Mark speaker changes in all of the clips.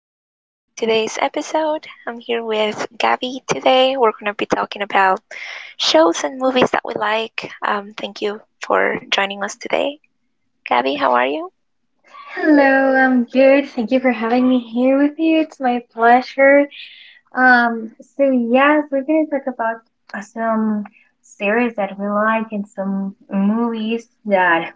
Speaker 1: Welcome to today's episode. I'm here with Gabby today. We're going to be talking about shows and movies that we like. Thank you for joining us today. Gabby, how are you?
Speaker 2: Hello, I'm good. Thank you for having me here with you. It's my pleasure. So yes, we're gonna talk about some series that we like and some movies that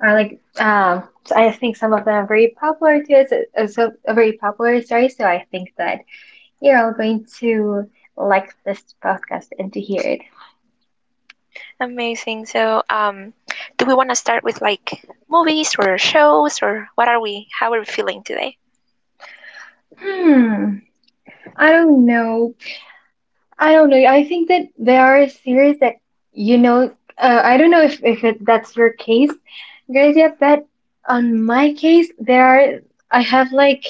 Speaker 2: are like, so I think some of them are very popular to us, so very popular, sorry, so I think that you're all going to like this podcast and to hear it.
Speaker 1: Amazing. So, do we want to start with like movies or shows, or how are we feeling today?
Speaker 2: Hmm, I don't know I don't know. I think that there are series that you know. I don't know if that's your case, Gracia, but on my case, there are. I have like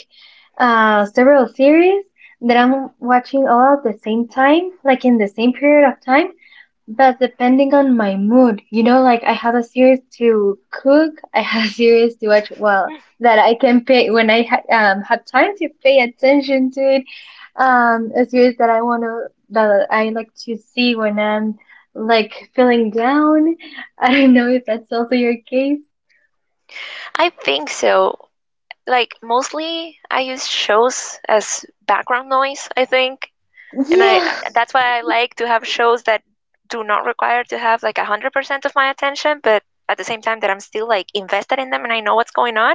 Speaker 2: several series that I'm watching all at the same time, like in the same period of time, but depending on my mood, like I have a series to cook, I have a series to watch, well, that I can pay when I ha have time to pay attention to it. A series that that I like to see when I'm like feeling down. I don't know if that's also your case.
Speaker 1: I think so. Like, mostly I use shows as background noise, I think. And I
Speaker 2: Yeah.
Speaker 1: that's why I like to have shows that do not require to have like 100% of my attention, but at the same time that I'm still like invested in them and I know what's going on.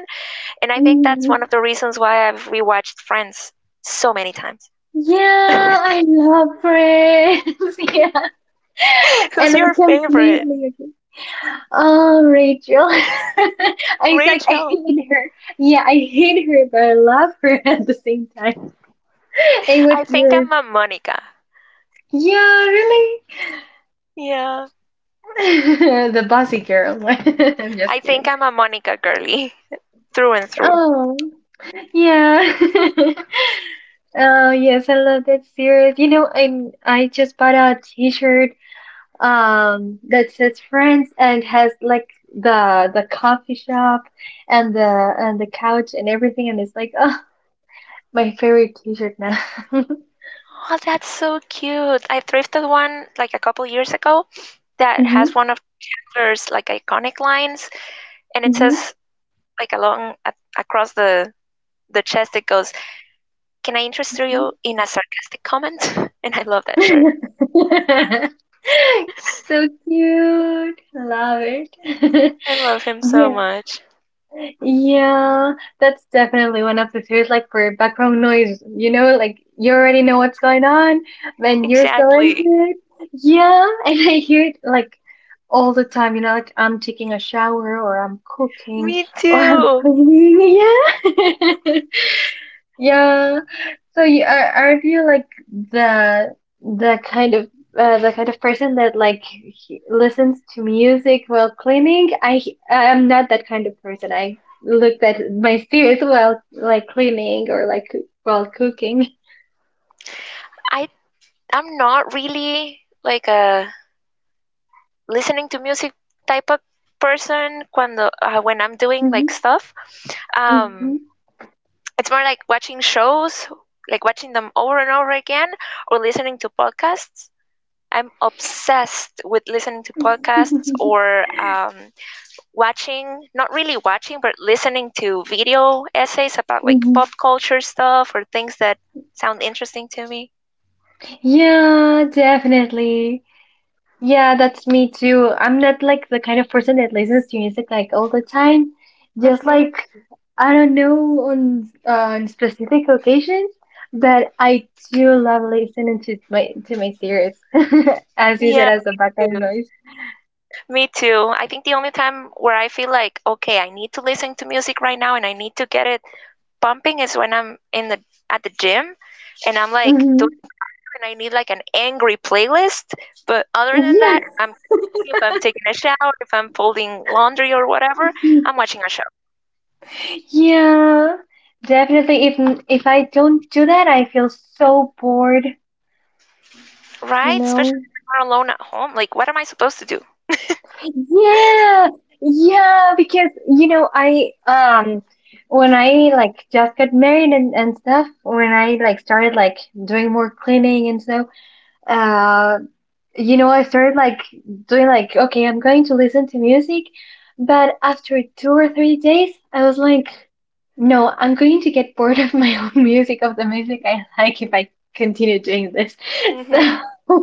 Speaker 1: And I think that's
Speaker 2: Mm,
Speaker 1: one of the reasons why I've rewatched Friends so many times.
Speaker 2: Yeah, I love Friends. Yeah.
Speaker 1: Who's
Speaker 2: And
Speaker 1: your
Speaker 2: I
Speaker 1: favorite?
Speaker 2: completely agree. Oh, Rachel. I was like, I
Speaker 1: Rachel.
Speaker 2: hate her. Yeah, I hate her, but I love her at the same time. Hey,
Speaker 1: I
Speaker 2: what's
Speaker 1: think
Speaker 2: yours?
Speaker 1: I'm a Monica.
Speaker 2: Yeah, really?
Speaker 1: Yeah.
Speaker 2: The bossy girl. I'm
Speaker 1: I
Speaker 2: just
Speaker 1: think
Speaker 2: kidding.
Speaker 1: I'm a Monica girly through and through.
Speaker 2: Oh, yeah. Oh, yes, I love that series. I just bought a t-shirt that says Friends and has like the coffee shop and the couch and everything, and it's like my favorite T-shirt now.
Speaker 1: Oh, that's so cute. I thrifted one like a couple years ago that has
Speaker 2: Mhm.
Speaker 1: one of Chandler's like iconic lines, and it
Speaker 2: Mhm.
Speaker 1: says, like, across the chest, it goes, "Can I interest you in a sarcastic comment?" and I love that shirt.
Speaker 2: so cute. Love it.
Speaker 1: I love him so
Speaker 2: Yeah.
Speaker 1: much.
Speaker 2: Yeah, that's definitely one of the fears, like for background noise, like you already know what's going on, then you're still into
Speaker 1: Exactly.
Speaker 2: it. Yeah, and I hear it like all the time, like I'm taking a shower or I'm cooking
Speaker 1: Me
Speaker 2: or I'm
Speaker 1: too.
Speaker 2: cleaning. Yeah. Yeah. So you are you like the the kind of the kind of person that like listens to music while cleaning? I'm not that kind of person. I looked at my series while like cleaning or like while cooking.
Speaker 1: I i'm not really like a listening to music type of person when I'm doing like
Speaker 2: Hmm.
Speaker 1: stuff.
Speaker 2: Hmm.
Speaker 1: um it's more like watching shows, like watching them over and over again, or listening to podcasts. I'm obsessed with listening to podcasts or watching, not really watching, but listening to video essays about like
Speaker 2: hmm.
Speaker 1: pop culture stuff or things that sound interesting to me.
Speaker 2: Yeah, definitely. Yeah, that's me too. I'm not like the kind of person that listens to music like all the time.
Speaker 1: Mm
Speaker 2: Just
Speaker 1: hmm.
Speaker 2: like I don't know on specific occasions, but I do love listening to my series, as you said,
Speaker 1: Yeah,
Speaker 2: as a
Speaker 1: me
Speaker 2: background
Speaker 1: too.
Speaker 2: noise.
Speaker 1: Me too. I think the only time where I feel like, okay, I need to listen to music right now and I need to get it pumping is when I'm in the at the gym and I'm like
Speaker 2: Hmm.
Speaker 1: doing cardio and I need like an angry playlist. But other than
Speaker 2: Yeah.
Speaker 1: that, if I'm cooking, if I'm taking a shower, if I'm folding laundry or whatever, I'm watching a show.
Speaker 2: Yeah, definitely. If I don't do that, I feel so bored, you
Speaker 1: Right?
Speaker 2: know?
Speaker 1: Especially when you're alone at home. Like, what am I supposed to do?
Speaker 2: Yeah, yeah, because I when I like just got married and stuff, when I like started like doing more cleaning and so uh I started like doing like, okay, I'm going to listen to music, but after 2 or 3 days, I was like, no, I'm going to get bored of my own music, of the music I like, if I continue doing this.
Speaker 1: Hmm.
Speaker 2: So,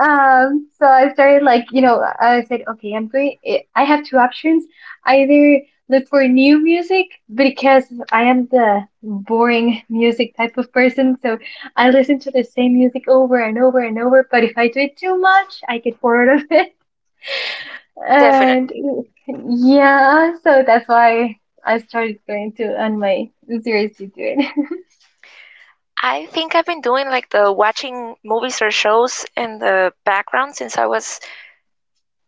Speaker 2: so, I started like, I said, okay, I'm going, I have two options. Either look for new music because I am the boring music type of person, so I listen to the same music over and over and over, but if I do it too much, I get bored of it. And
Speaker 1: Definitely.
Speaker 2: yeah, so that's why I started going to on my series to do it.
Speaker 1: I think I've been doing like the watching movies or shows in the background since I was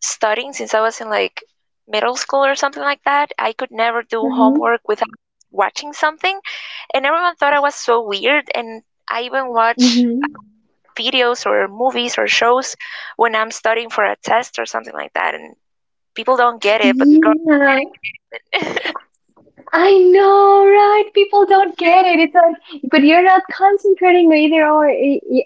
Speaker 1: studying since I was in like middle school or something like that. I could never do
Speaker 2: hmm.
Speaker 1: homework without watching something, and everyone thought I was so weird. And I even watch
Speaker 2: Hmm.
Speaker 1: videos or movies or shows when I'm studying for a test or something like that, and people don't get it, but the girls who get
Speaker 2: Yeah,
Speaker 1: it get it.
Speaker 2: I know, right? People don't get it. It's
Speaker 1: yes.
Speaker 2: like, but you're not concentrating either, or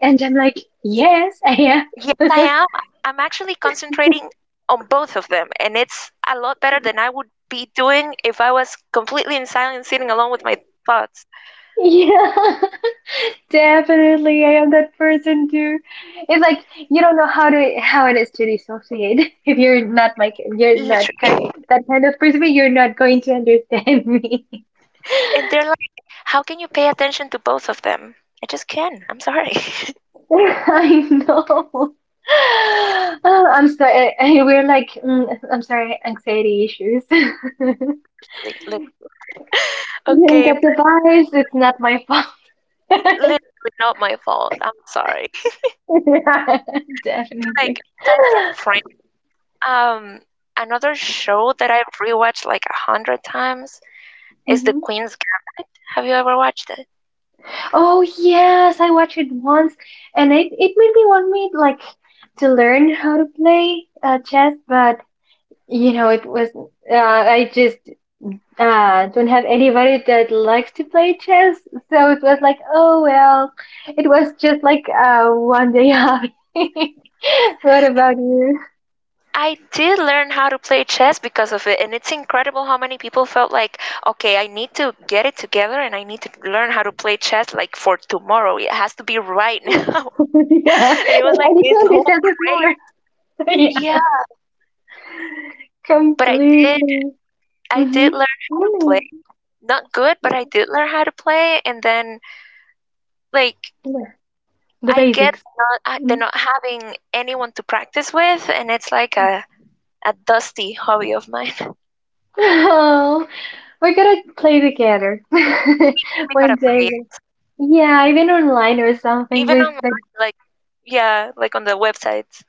Speaker 2: and I'm like, yes, I
Speaker 1: Yes, I
Speaker 2: am.
Speaker 1: am. I'm actually concentrating on both of them, and it's a lot better than I would be doing if I was completely in silence, sitting alone with my thoughts.
Speaker 2: Yeah. Definitely, I am that person too. It's like you don't know how it is to dissociate. If you're not my, you're not
Speaker 1: Literally.
Speaker 2: kind that kind of person, you're not going to understand me.
Speaker 1: And they're like, how can you pay attention to both of them? I just can. I'm sorry.
Speaker 2: I know. Oh, I'm sorry. And we're like, I'm sorry, anxiety issues.
Speaker 1: literally, literally.
Speaker 2: You don't
Speaker 1: okay,
Speaker 2: get the
Speaker 1: but
Speaker 2: vibes.
Speaker 1: besides,
Speaker 2: It's
Speaker 1: like,
Speaker 2: not my fault.
Speaker 1: literally not my fault. I'm sorry.
Speaker 2: Yeah,
Speaker 1: but like
Speaker 2: definitely.
Speaker 1: besides from Friends, um another show that I rewatched like a hundred times is The
Speaker 2: Mhm.
Speaker 1: Queen's Gambit. Have you ever watched it?
Speaker 2: Oh yes, I watched it once, and it made me want me like to learn how to play chess, but it was I just don't have anybody that likes to play chess, so it was like, oh well, it was just like one day hobby. What about you?
Speaker 1: I did learn how to play chess because of it, and it's incredible how many people felt like, okay, I need to get it together and I need to learn how to play chess like for tomorrow. It has to be right now.
Speaker 2: Yeah,
Speaker 1: And it was
Speaker 2: like, I
Speaker 1: like
Speaker 2: need to
Speaker 1: this whole
Speaker 2: understand it more.
Speaker 1: craze.
Speaker 2: Yeah,
Speaker 1: Yeah, but I did
Speaker 2: completely.
Speaker 1: I
Speaker 2: Mm-hmm.
Speaker 1: did learn how to
Speaker 2: Really?
Speaker 1: play. Not good, but I did learn how to play, and then like
Speaker 2: Yeah. The
Speaker 1: I get
Speaker 2: basics.
Speaker 1: the not uh, the
Speaker 2: Mhm.
Speaker 1: not having anyone to practice with, and it's like a dusty hobby of mine.
Speaker 2: Oh. We're gonna play together
Speaker 1: We got
Speaker 2: one
Speaker 1: to play,
Speaker 2: day.
Speaker 1: yes.
Speaker 2: Yeah, even online or something
Speaker 1: Even
Speaker 2: with the.
Speaker 1: online, like, yeah, like on the websites.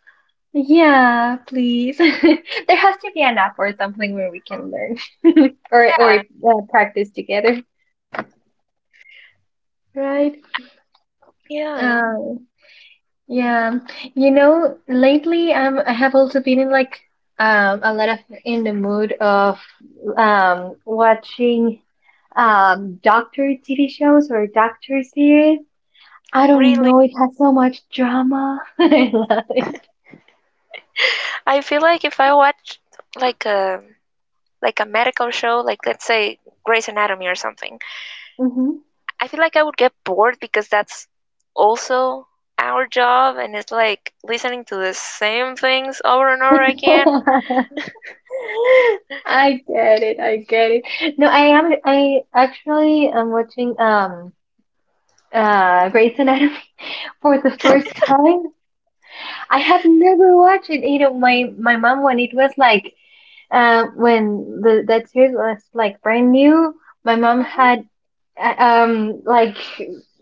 Speaker 2: Yeah, please. There has to be an app or something where we can learn or or
Speaker 1: Yeah,
Speaker 2: uh, practice together, right?
Speaker 1: um, yeah,
Speaker 2: Um, yeah. Lately I have also been in like a lot of in the mood of watching doctor TV shows or doctor series. I don't know. It
Speaker 1: really.
Speaker 2: has so much drama. I love it.
Speaker 1: I feel like if I watch like a like a medical show, like let's say Grey's Anatomy or something,
Speaker 2: Hmm.
Speaker 1: I feel like I would get bored because that's also our job, and it's like listening to the same things over and over again.
Speaker 2: I get it. I get it. No, I am. I actually am watching Grey's Anatomy for the
Speaker 1: hmm.
Speaker 2: first time. I have never watched it. My mom, when the that series was like brand new, my mom uh, um like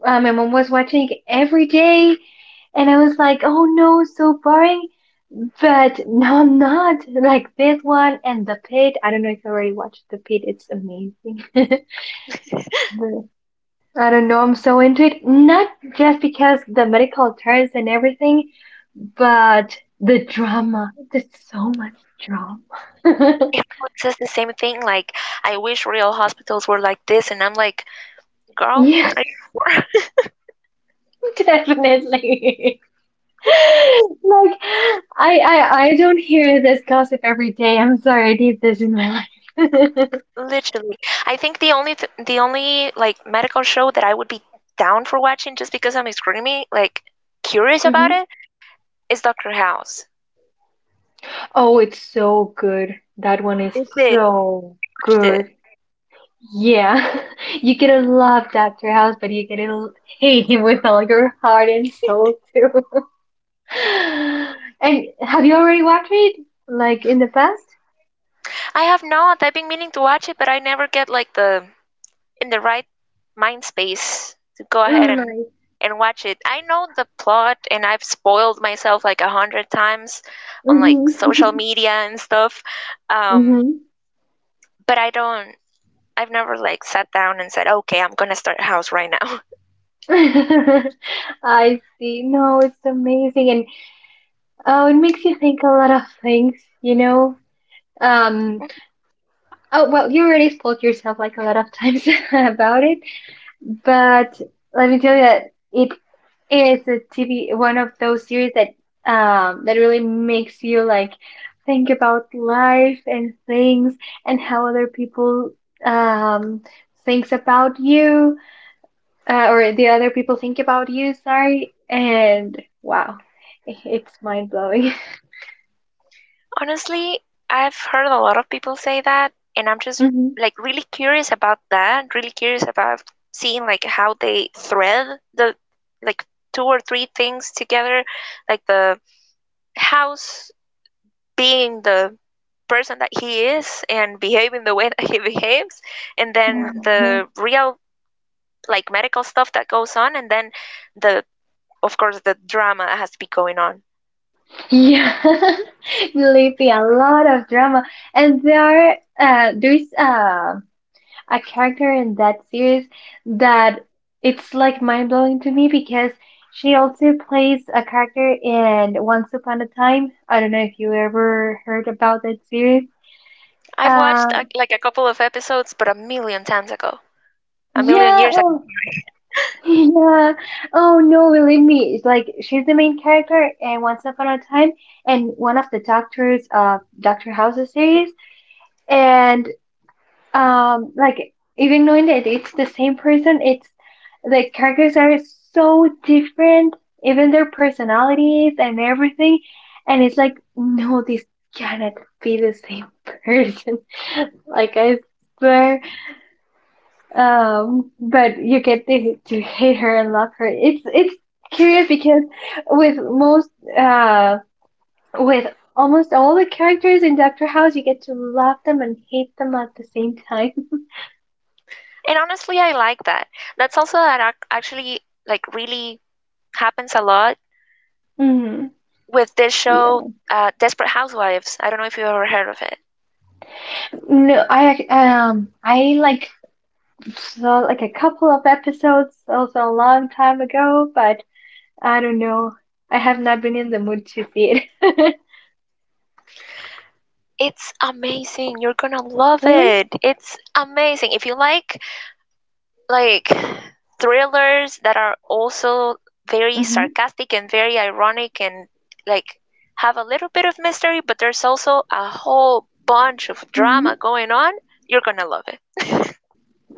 Speaker 2: was watching it every day. And I was like, oh no, so boring. But no, I'm not. Like this one and The Pit. I don't know if you already watched The Pit. It's amazing. The- I don't know. I'm so into it. Not just because the medical terms and everything, but the drama. There's so much drama.
Speaker 1: Everyone says the same thing, like, I wish real hospitals were like this, and I'm like, girl,
Speaker 2: Yeah,
Speaker 1: are you sure?
Speaker 2: definitely. Like I don't hear this gossip every day. I'm sorry, I need this in my life.
Speaker 1: Literally. I think the only like medical show that I would be down for watching just because I'm extremely like curious about
Speaker 2: Mhm.
Speaker 1: it is Doctor House.
Speaker 2: Oh, it's so good. That one is
Speaker 1: Is it?
Speaker 2: so
Speaker 1: Have you watched it?
Speaker 2: good. Yeah. You could have loved Dr. House, but you could have hate him with all your heart and soul too. And have you already watched it? Like in the past?
Speaker 1: I have not. I've been meaning to watch it, but I never get like the in the right mind space to go ahead
Speaker 2: Mm,
Speaker 1: and and watch it. I know the plot and I've spoiled myself like a hundred times on like
Speaker 2: mm-hmm.
Speaker 1: social media and stuff.
Speaker 2: Hmm.
Speaker 1: Um, but I've never like sat down and said, "Okay, I'm gonna start a house right now."
Speaker 2: I see. No, it's amazing. And oh, it makes you think a lot of things, you know? Um,
Speaker 1: Mm-hmm.
Speaker 2: oh, well, you already spoke yourself like a lot of times about it. But let me tell you that it is a TV one of those series that really makes you like think about life and things, and how other people um thinks about you, or the other people think about you, sorry. And wow, it's mind blowing.
Speaker 1: Honestly, I've heard a lot of people say that, and I'm just
Speaker 2: Hmm.
Speaker 1: like really curious about that. Really curious about seeing like how they thread the like two or three things together, like the house being the person that he is and behaving the way that he behaves, and then
Speaker 2: Yeah,
Speaker 1: the real like medical stuff that goes on, and then the of course the drama has to be going on.
Speaker 2: yeah. believe me, a lot of drama, and there's a character in that series that it's like mind blowing to me because she also plays a character in Once Upon a Time. I don't know if you ever heard about that series.
Speaker 1: I've
Speaker 2: Uh,
Speaker 1: watched like a couple of episodes, but a million times ago, a million
Speaker 2: yeah,
Speaker 1: years ago,
Speaker 2: oh,
Speaker 1: sorry.
Speaker 2: yeah. Oh no, believe me. It's like she's the main character in Once Upon a Time and one of the doctors of Doctor House's series. And like even knowing that it's the same person, it's the characters are so different, even their personalities and everything, and it's like, no, this cannot be the same person, like I swear, but you get to hate her and love her. It's curious because with most uh with almost all the characters in Doctor House, you get to love them and hate them at the same time.
Speaker 1: And honestly, I like that. That's also actually like really happens a lot
Speaker 2: Hmm.
Speaker 1: with this show, Desperate Housewives. I don't know if you've ever heard of it.
Speaker 2: No, I like saw like a couple of episodes also a long time ago, but I don't know. I have not been in the mood to see it.
Speaker 1: It's amazing. You're gonna love
Speaker 2: Really?
Speaker 1: it. It's amazing. If you like thrillers that are also very
Speaker 2: Mm-hmm.
Speaker 1: sarcastic and very ironic and like have a little bit of mystery, but there's also a whole bunch of
Speaker 2: Mm-hmm.
Speaker 1: drama going on, you're gonna love it.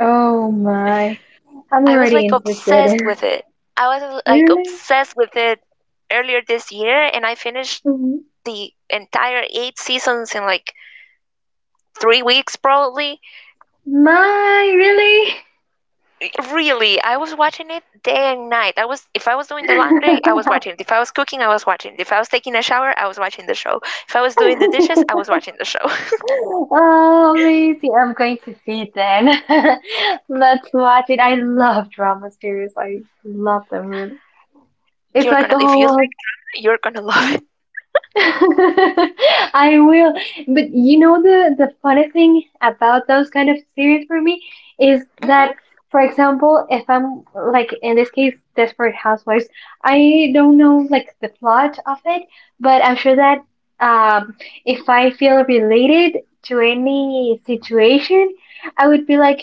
Speaker 2: Oh my. I'm
Speaker 1: I was
Speaker 2: already
Speaker 1: like
Speaker 2: interested
Speaker 1: obsessed
Speaker 2: in.
Speaker 1: with it. I was like
Speaker 2: Really?
Speaker 1: obsessed with it earlier this year, and I finished
Speaker 2: Mm-hmm.
Speaker 1: the entire eight seasons in like 3 weeks, probably.
Speaker 2: My, really?
Speaker 1: Really, I was watching it day and night. I was If I was doing the laundry, I was watching it. If I was cooking, I was watching it. If I was taking a shower, I was watching the show. If I was doing the dishes, I was watching the show.
Speaker 2: Oh, amazing. I'm going to see it then. Let's watch it. I love drama series. I love them really. It's
Speaker 1: you're
Speaker 2: like,
Speaker 1: gonna
Speaker 2: a
Speaker 1: if you
Speaker 2: whole.
Speaker 1: like drama, you're gonna love it.
Speaker 2: I will. But the funny thing about those kind of series for me is
Speaker 1: Hmm.
Speaker 2: that, for example, if I'm like in this case, Desperate Housewives, I don't know like the plot of it, but I'm sure that um if I feel related to any situation, I would be like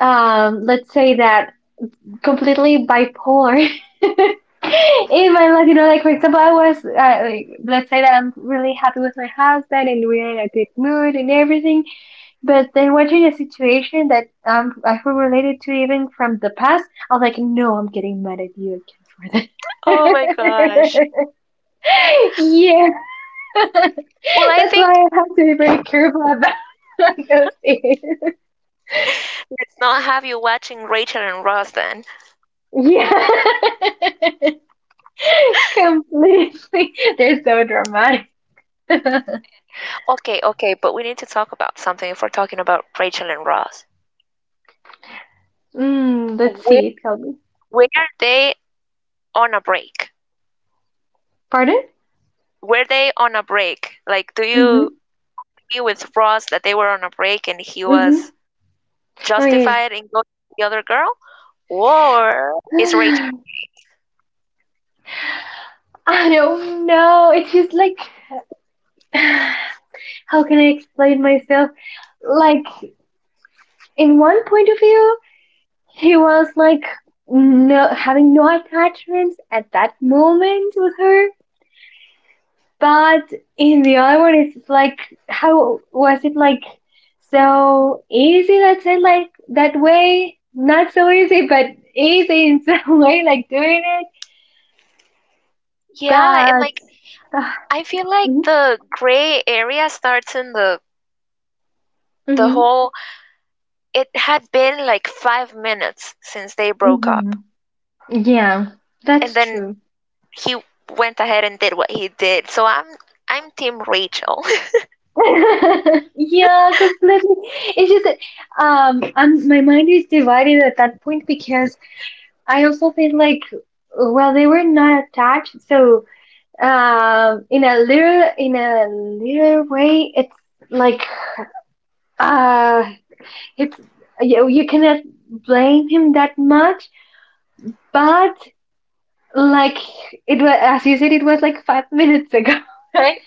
Speaker 2: let's say that completely bipolar in my life. Like for example, I was like, let's say that I'm really happy with my husband and we're in a good mood and everything, but then watching a situation that I feel related to even from the past, I'm like, no, I'm getting mad at you again for that.
Speaker 1: Oh my gosh.
Speaker 2: yeah,
Speaker 1: Well, I
Speaker 2: that's why
Speaker 1: think
Speaker 2: I have to be very careful about those things.
Speaker 1: let's not have you watching Rachel and Ross then.
Speaker 2: Yeah. Completely. They're so dramatic. mm,
Speaker 1: Okay, okay, but we need to talk about something if we're talking about Rachel and Ross.
Speaker 2: let's see.
Speaker 1: Where
Speaker 2: Tell me.
Speaker 1: were they on a break?
Speaker 2: Pardon?
Speaker 1: Were they on a break? Like, do
Speaker 2: Mm-hmm.
Speaker 1: you agree with Ross that they were on a break and he
Speaker 2: Mm-hmm.
Speaker 1: was
Speaker 2: Oh, yes.
Speaker 1: justified in going with the other girl? Or is Rachel right?
Speaker 2: I don't know. It's just like, how can I explain myself? Like, in one point of view, he was like, no, having no attachments at that moment with her. But in the other one, it's like, how was it like so easy? Let's say like that way. Not so easy, but easy in some way, like doing it.
Speaker 1: Yeah, and
Speaker 2: But
Speaker 1: like
Speaker 2: uh
Speaker 1: I feel like the gray area starts in the
Speaker 2: Mm-hmm.
Speaker 1: whole, it had been like 5 minutes since they broke
Speaker 2: Hmm.
Speaker 1: up.
Speaker 2: Yeah,
Speaker 1: And
Speaker 2: that's
Speaker 1: then
Speaker 2: true.
Speaker 1: he went ahead and did what he did. So I'm team Rachel,
Speaker 2: Yeah, completely. It's just that my mind is divided at that point because I also feel like, well, they were not attached, so, in a little way, it's like uh, it's you cannot blame him that much, but like it was as you said, it was like 5 minutes ago, right?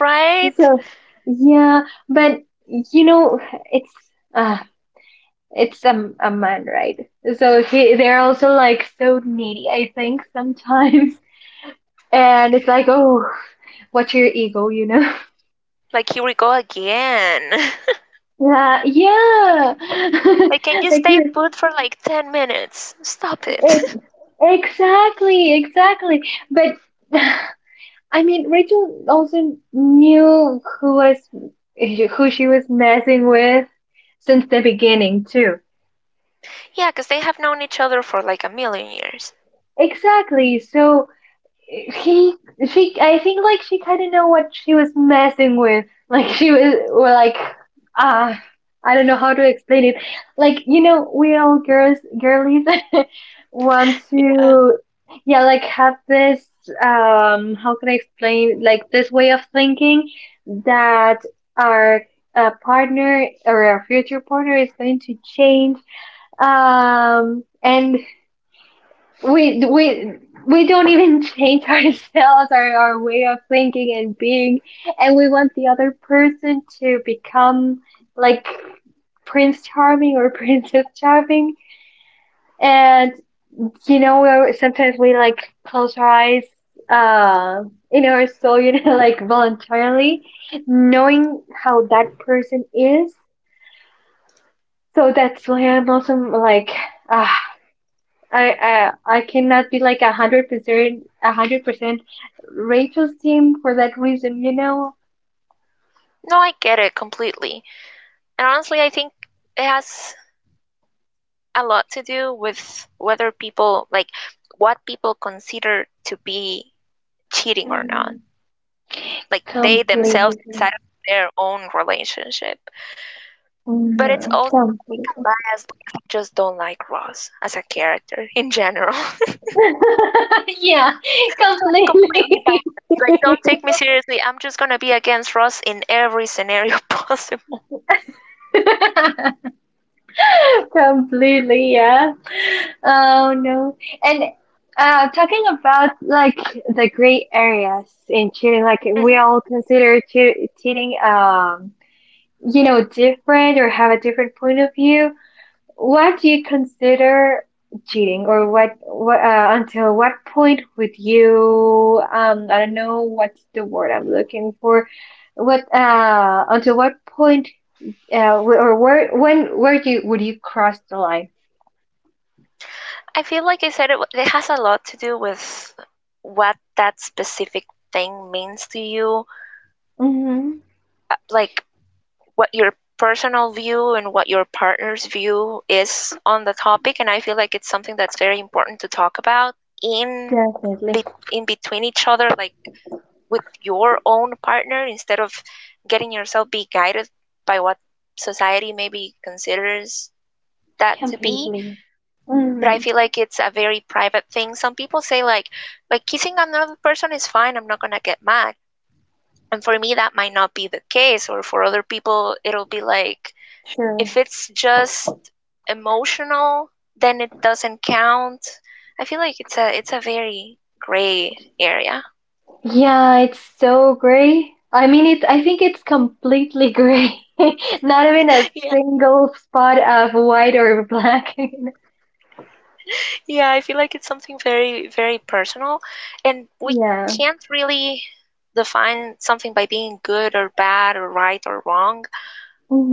Speaker 1: right?
Speaker 2: So yeah, but it's uh, it's a man, right? So they're also like so needy, I think, sometimes. And it's like, oh, what's your ego, you know?
Speaker 1: Like here we go again.
Speaker 2: Yeah, yeah.
Speaker 1: Like, can you stay put for like 10 minutes? Stop
Speaker 2: Like,
Speaker 1: it.
Speaker 2: exactly, exactly. But I mean, Rachel also knew who she was messing with since the beginning too.
Speaker 1: yeah, because they have known each other for like a million years.
Speaker 2: Exactly. So he she, I think, like, she kind of know what she was messing with. Like she was or like ah I don't know how to explain it. Like, we all girls girlies want
Speaker 1: Yeah.
Speaker 2: to, yeah, like, have this, how can I explain, like, this way of thinking that our partner or our future partner is going to change, and we we we don't even change ourselves, our way of thinking and being, and we want the other person to become like Prince Charming or Princess Charming. And sometimes we like close our eyes uh in our soul, like, voluntarily knowing how that person is. So that's why I'm also like, ah I cannot be like 100%, 100% Rachel's team for that reason, you know?
Speaker 1: No, I get it completely. And honestly, I think it has a lot to do with whether like, what people consider to be cheating or not.
Speaker 2: Mm,
Speaker 1: Like, they themselves
Speaker 2: completely.
Speaker 1: inside of their own relationship. But it's
Speaker 2: Mm,
Speaker 1: also, I
Speaker 2: completely.
Speaker 1: think I'm biased because I just don't like Ross as a character in general.
Speaker 2: Yeah,
Speaker 1: So I'm completely
Speaker 2: completely.
Speaker 1: biased. Like, don't take me seriously. I'm just gonna be against Ross in every scenario possible.
Speaker 2: Completely, yeah. Oh no. And talking about like the gray areas in cheating, like we
Speaker 1: Hmm.
Speaker 2: all consider cheating, different, or have a different point of view. What do you consider cheating, or what, until what point would you, I don't know what's the word I'm looking for. What, until what point, or where, when, where do you, would you cross the line?
Speaker 1: I feel like I said it. It has a lot to do with what that specific thing means to you,
Speaker 2: Mm-hmm.
Speaker 1: like what your personal view and what your partner's view is on the topic. And I feel like it's something that's very important to talk about in
Speaker 2: Definitely.
Speaker 1: in between each other, like with your own partner, instead of getting yourself be guided by what society maybe considers that to be.
Speaker 2: Completely.
Speaker 1: But I
Speaker 2: Mm-hmm.
Speaker 1: feel like it's a very private thing. Some people say like kissing another person is fine, I'm not going to get mad, and for me that might not be the case. Or for other people it'll be like,
Speaker 2: Sure.
Speaker 1: if it's just emotional, then it doesn't count. I feel like it's a very gray area.
Speaker 2: Yeah, it's so gray. I mean, I think it's completely gray. Not even a
Speaker 1: Yeah.
Speaker 2: single spot of white or black.
Speaker 1: Yeah, I feel like it's something very, very personal, and we
Speaker 2: Yeah.
Speaker 1: can't really define something by being good or bad or right or wrong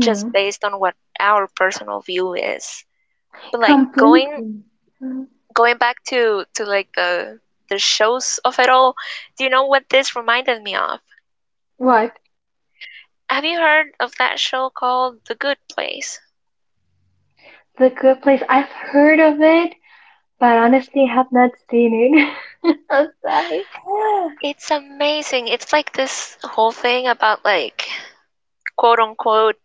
Speaker 1: just based on what our personal view is. But like going
Speaker 2: Completely. Mhm.
Speaker 1: going back to like the shows of it all, do you know what this reminded me of?
Speaker 2: What?
Speaker 1: Have you heard of that show called The Good Place?
Speaker 2: The Good Place. I've heard of it, but honestly have not seen it. I'm sorry.
Speaker 1: It's amazing. It's like this whole thing about like quote unquote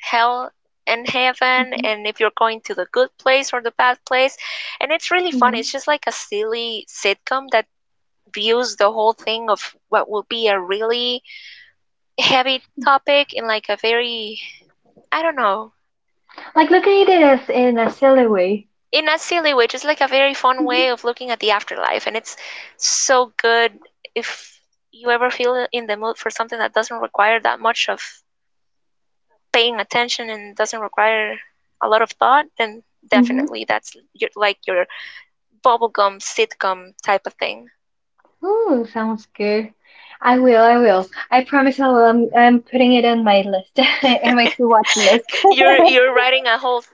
Speaker 1: hell and heaven
Speaker 2: Hmm.
Speaker 1: and if you're going to the good place or the bad place. And it's really fun. It's
Speaker 2: Hmm.
Speaker 1: just like a silly sitcom that views the whole thing of what would be a really heavy topic in like a very I don't know,
Speaker 2: Like looking at it as in a silly way.
Speaker 1: in a silly way, just like a very fun way of looking at the afterlife. And it's so good. If you ever feel in the mood for something that doesn't require that much of paying attention and doesn't require a lot of thought, then
Speaker 2: Mm-hmm.
Speaker 1: definitely that's your, like your bubblegum sitcom type of thing.
Speaker 2: Ooh, sounds good. I will, I will. I promise I will. I'm putting it on my list, and my to watch list.
Speaker 1: You're writing a whole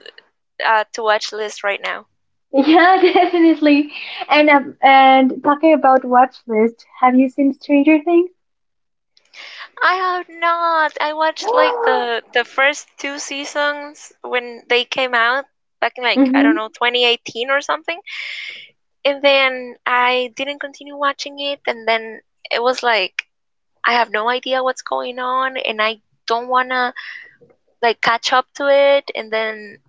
Speaker 1: to watch list right now.
Speaker 2: Yeah, definitely. And talking about watch list, have you seen Stranger Things?
Speaker 1: I have not. I watched like the first two seasons when they came out back in like I don't
Speaker 2: Mm-hmm.
Speaker 1: know, 2018 or something, and then I didn't continue watching it, and then it was like I have no idea what's going on, and I don't wanna like catch up to it, and then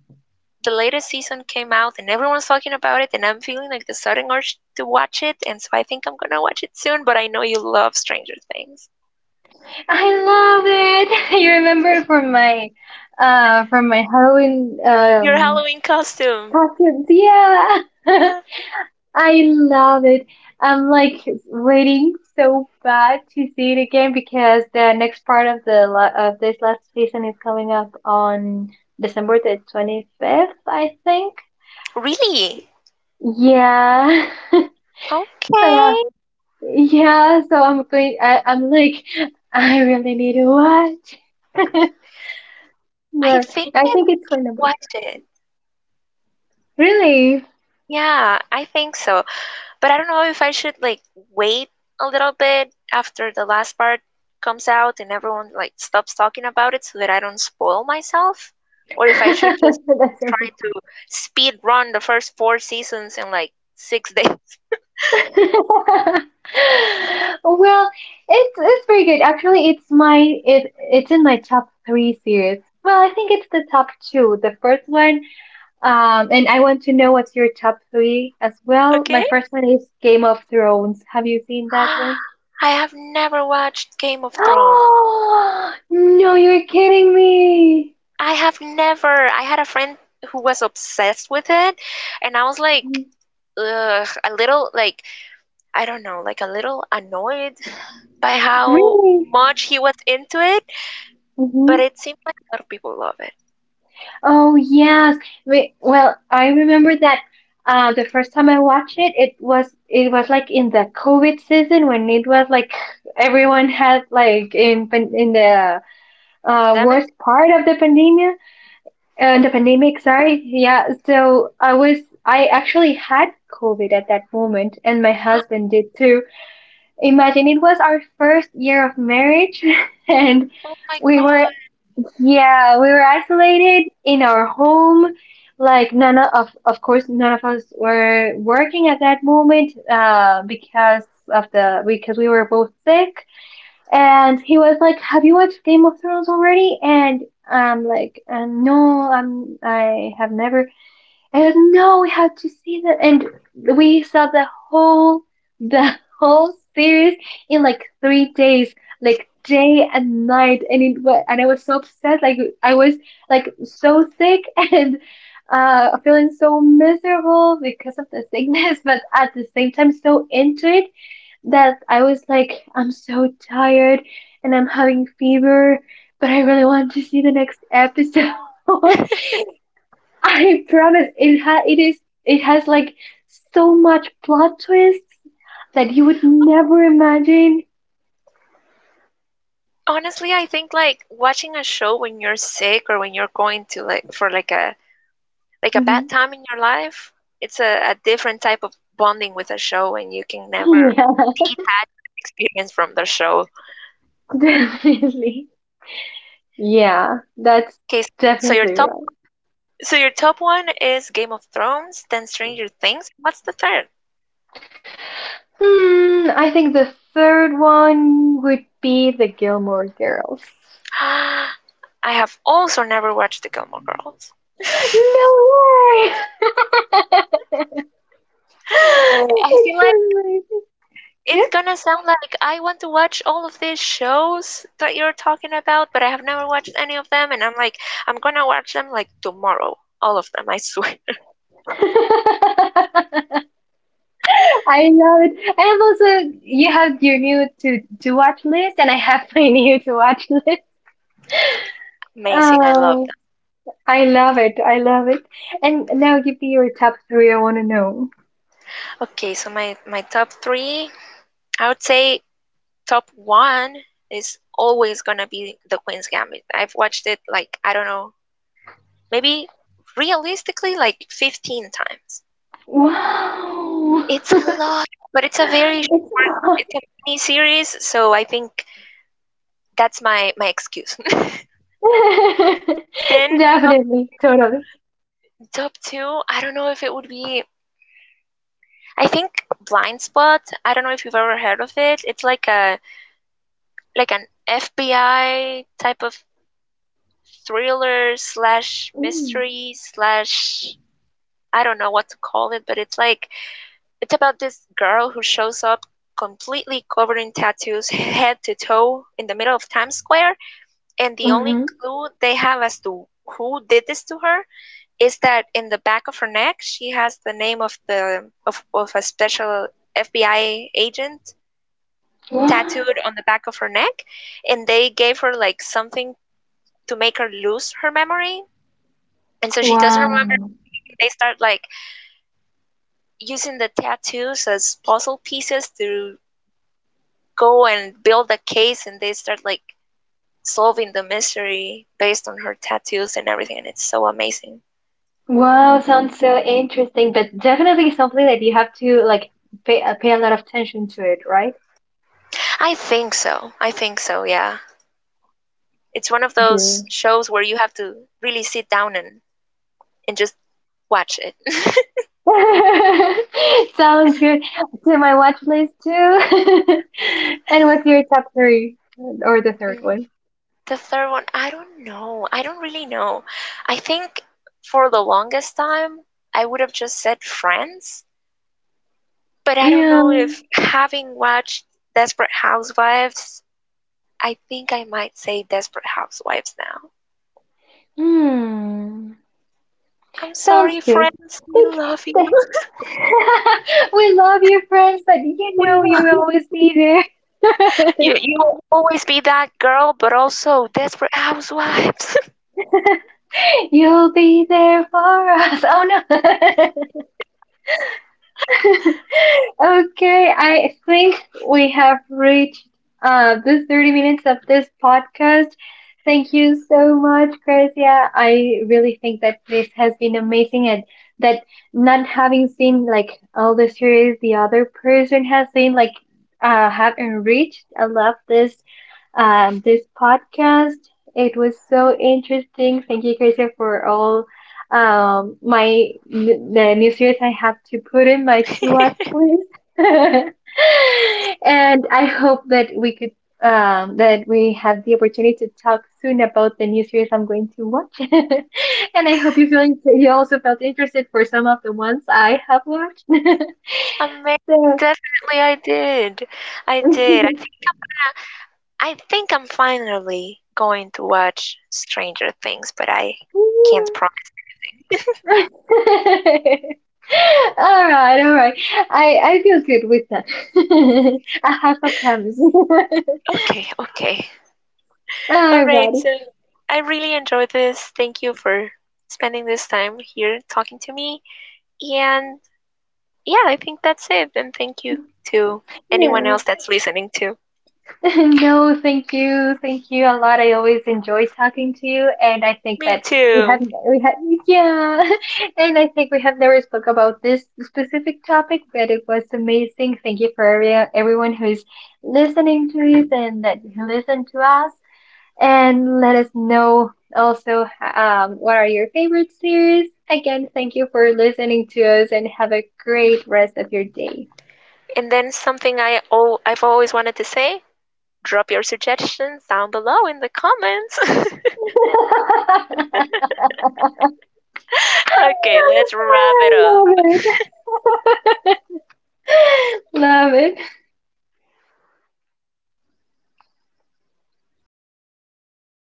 Speaker 1: the latest season came out and everyone's talking about it and I'm feeling like the sudden urge to watch it, and so I think I'm gonna watch it soon. But I know you love Stranger Things.
Speaker 2: I love it. You remember from my Halloween,
Speaker 1: Your Halloween costume.
Speaker 2: costumes. Yeah.
Speaker 1: Yeah.
Speaker 2: I love it. I'm like waiting so bad to see it again because the next part of the la of this last season is coming up on December the 25th, I think.
Speaker 1: Really?
Speaker 2: Yeah. So
Speaker 1: Okay.
Speaker 2: yeah, so I'm like I really need to watch.
Speaker 1: I
Speaker 2: Right.
Speaker 1: think
Speaker 2: I
Speaker 1: I
Speaker 2: think it's my
Speaker 1: might
Speaker 2: number two.
Speaker 1: watch it.
Speaker 2: Really?
Speaker 1: Yeah, I think so. But I don't know if I should like wait a little bit after the last part comes out and everyone like stops talking about it so that I don't spoil myself, or if I should just like
Speaker 2: That's
Speaker 1: try
Speaker 2: awesome.
Speaker 1: to speed run the first four seasons in like six days.
Speaker 2: Well, it's very good. Actually, it's in my top three series. Well, I think it's the top two. The first one, and I want to know what's your top three as well. My
Speaker 1: Okay?
Speaker 2: first one is Game of Thrones. Have you seen that
Speaker 1: I
Speaker 2: one?
Speaker 1: have never watched Game of Thrones.
Speaker 2: Oh, no, you're kidding me.
Speaker 1: I have never. I had a friend who was obsessed with it, and I was like, ugh, a little like I don't know, like a little annoyed by how
Speaker 2: Really?
Speaker 1: much he was into it, but
Speaker 2: Mm-hmm.
Speaker 1: it seems like a lot of people love it.
Speaker 2: Oh yes. Wait, well, I remember that the first time I watched it, it was like in the COVID season when it was like everyone had like in the worst
Speaker 1: Pandemic?
Speaker 2: part of the pandemic, sorry. Yeah, so I was I actually had COVID at that moment and my husband did too. Imagine it was our first year of marriage and
Speaker 1: Oh my
Speaker 2: we were
Speaker 1: gosh.
Speaker 2: yeah, we were isolated in our home. Like none of, of course, none of us were working at that moment, because of the because we were both sick. And he was like, "Have you watched Game of Thrones already?" And I'm like, "No, I'm I have never." And no, we have to see that. And we saw the whole, the whole series in like 3 days, like day and night. And it was, and I was so upset. Like I was like so sick and feeling so miserable because of the sickness, but at the same time so into it that I was like, I'm so tired and I'm having fever, but I really want to see the next episode. I promise it ha it is it has like so much plot twists that you would never imagine.
Speaker 1: Honestly, I think like watching a show when you're sick or when you're going to like for like a bad
Speaker 2: Hmm.
Speaker 1: time in your life, it's a different type of bonding with a show and you can never
Speaker 2: Yeah,
Speaker 1: detach that experience from the show.
Speaker 2: definitely. Yeah, that's
Speaker 1: Okay, so your
Speaker 2: definitely
Speaker 1: top
Speaker 2: right.
Speaker 1: one, so your top one is Game of Thrones, then Stranger Things, and what's the third?
Speaker 2: Hmm, I think the third one would be the Gilmore Girls.
Speaker 1: I have also never watched The Gilmore Girls.
Speaker 2: No way!
Speaker 1: I feel
Speaker 2: It's
Speaker 1: like
Speaker 2: amazing. Yeah.
Speaker 1: it's gonna sound like I want to watch all of these shows that you're talking about, but I have never watched any of them, and I'm like, I'm gonna watch them like tomorrow. All of them, I swear.
Speaker 2: I love it. I have also, you have your new to watch list, and I have my new to watch list.
Speaker 1: Amazing, I love
Speaker 2: Oh,
Speaker 1: that.
Speaker 2: I love it. I love it. And now give me your top three. I want to know.
Speaker 1: Okay, so my top three, I would say top one is always gonna be The Queen's Gambit. I've watched it like, I don't know, maybe realistically like 15 times.
Speaker 2: Wow.
Speaker 1: It's a lot, but it's a very
Speaker 2: It's
Speaker 1: short, it's a mini series, so I think that's my excuse. Then top
Speaker 2: definitely,
Speaker 1: two,
Speaker 2: totally.
Speaker 1: I don't know, if it would be, I think Blind Spot. I don't know if you've ever heard of it. It's like a like an FBI type of thriller slash
Speaker 2: Mm.
Speaker 1: mystery slash I don't know what to call it, but it's like it's about this girl who shows up completely covered in tattoos, head to toe, in the middle of Times Square. And the
Speaker 2: Hmm.
Speaker 1: only clue they have as to who did this to her is that in the back of her neck she has the name of of a special FBI agent
Speaker 2: Wow.
Speaker 1: tattooed on the back of her neck, and they gave her like something to make her lose her memory and so she doesn't remember
Speaker 2: Wow.
Speaker 1: anything, and they start like using the tattoos as puzzle pieces to go and build a case, and they start like solving the mystery based on her tattoos and everything and it's so amazing.
Speaker 2: Wow, sounds so interesting, but definitely something that you have to like pay a lot of attention to it, right?
Speaker 1: I think so. I think so, yeah. It's one of those shows where you have to really sit down and, just watch it.
Speaker 2: Sounds good. To my watch list too. And what's your top three or the third one?
Speaker 1: Mm, the third one, I don't know. I don't really know. I think for the longest time, I would have just said Friends, but I don't
Speaker 2: Yeah.
Speaker 1: know, if having watched Desperate Housewives, I think I might say Desperate Housewives now.
Speaker 2: Hmm.
Speaker 1: I'm sorry,
Speaker 2: Sounds good.
Speaker 1: Friends. I
Speaker 2: Thank
Speaker 1: love you.
Speaker 2: th- We love you, friends, but you
Speaker 1: We
Speaker 2: know you
Speaker 1: love
Speaker 2: will
Speaker 1: you,
Speaker 2: always be
Speaker 1: Friends.
Speaker 2: there.
Speaker 1: You will always be that girl, but also Desperate Housewives.
Speaker 2: You'll be there for us. Oh no. Okay, I think we have reached the 30 minutes of this podcast. Thank you so much, Gracia. I really think that this has been amazing, and that not having seen like all the series the other person has seen, like, have enriched. I love this podcast. It was so interesting. Thank you, Krista, for all, the new series I have to put in my to watch list. And I hope that we could that we have the opportunity to talk soon about the new series I'm going to watch. And I hope you also felt interested for some of the ones I have watched.
Speaker 1: Amazing.
Speaker 2: So
Speaker 1: Definitely, I did. I did. I think I'm gonna. I think I'm finally going to watch Stranger Things, but I can't promise anything.
Speaker 2: all right, all right. I feel good with that. I have a promise.
Speaker 1: Okay, okay. All right,
Speaker 2: Alrighty.
Speaker 1: so I really enjoyed this. Thank you for spending this time here talking to me. And yeah, I think that's it. And thank you to anyone else
Speaker 2: No.
Speaker 1: that's listening too.
Speaker 2: No, thank you. Thank you a lot. I always enjoy talking to you, and I think
Speaker 1: Me
Speaker 2: that we have
Speaker 1: too.
Speaker 2: we had, yeah. And I think we have never spoke about this specific topic, but it was amazing. Thank you for everyone who's listening to us and that listened to us. And let us know also, what are your favorite series. Again, thank you for listening to us and have a great rest of your day.
Speaker 1: And then something I've always wanted to say. Drop your suggestions down below in the comments. Okay, let's wrap it
Speaker 2: I love
Speaker 1: up.
Speaker 2: it. Love it.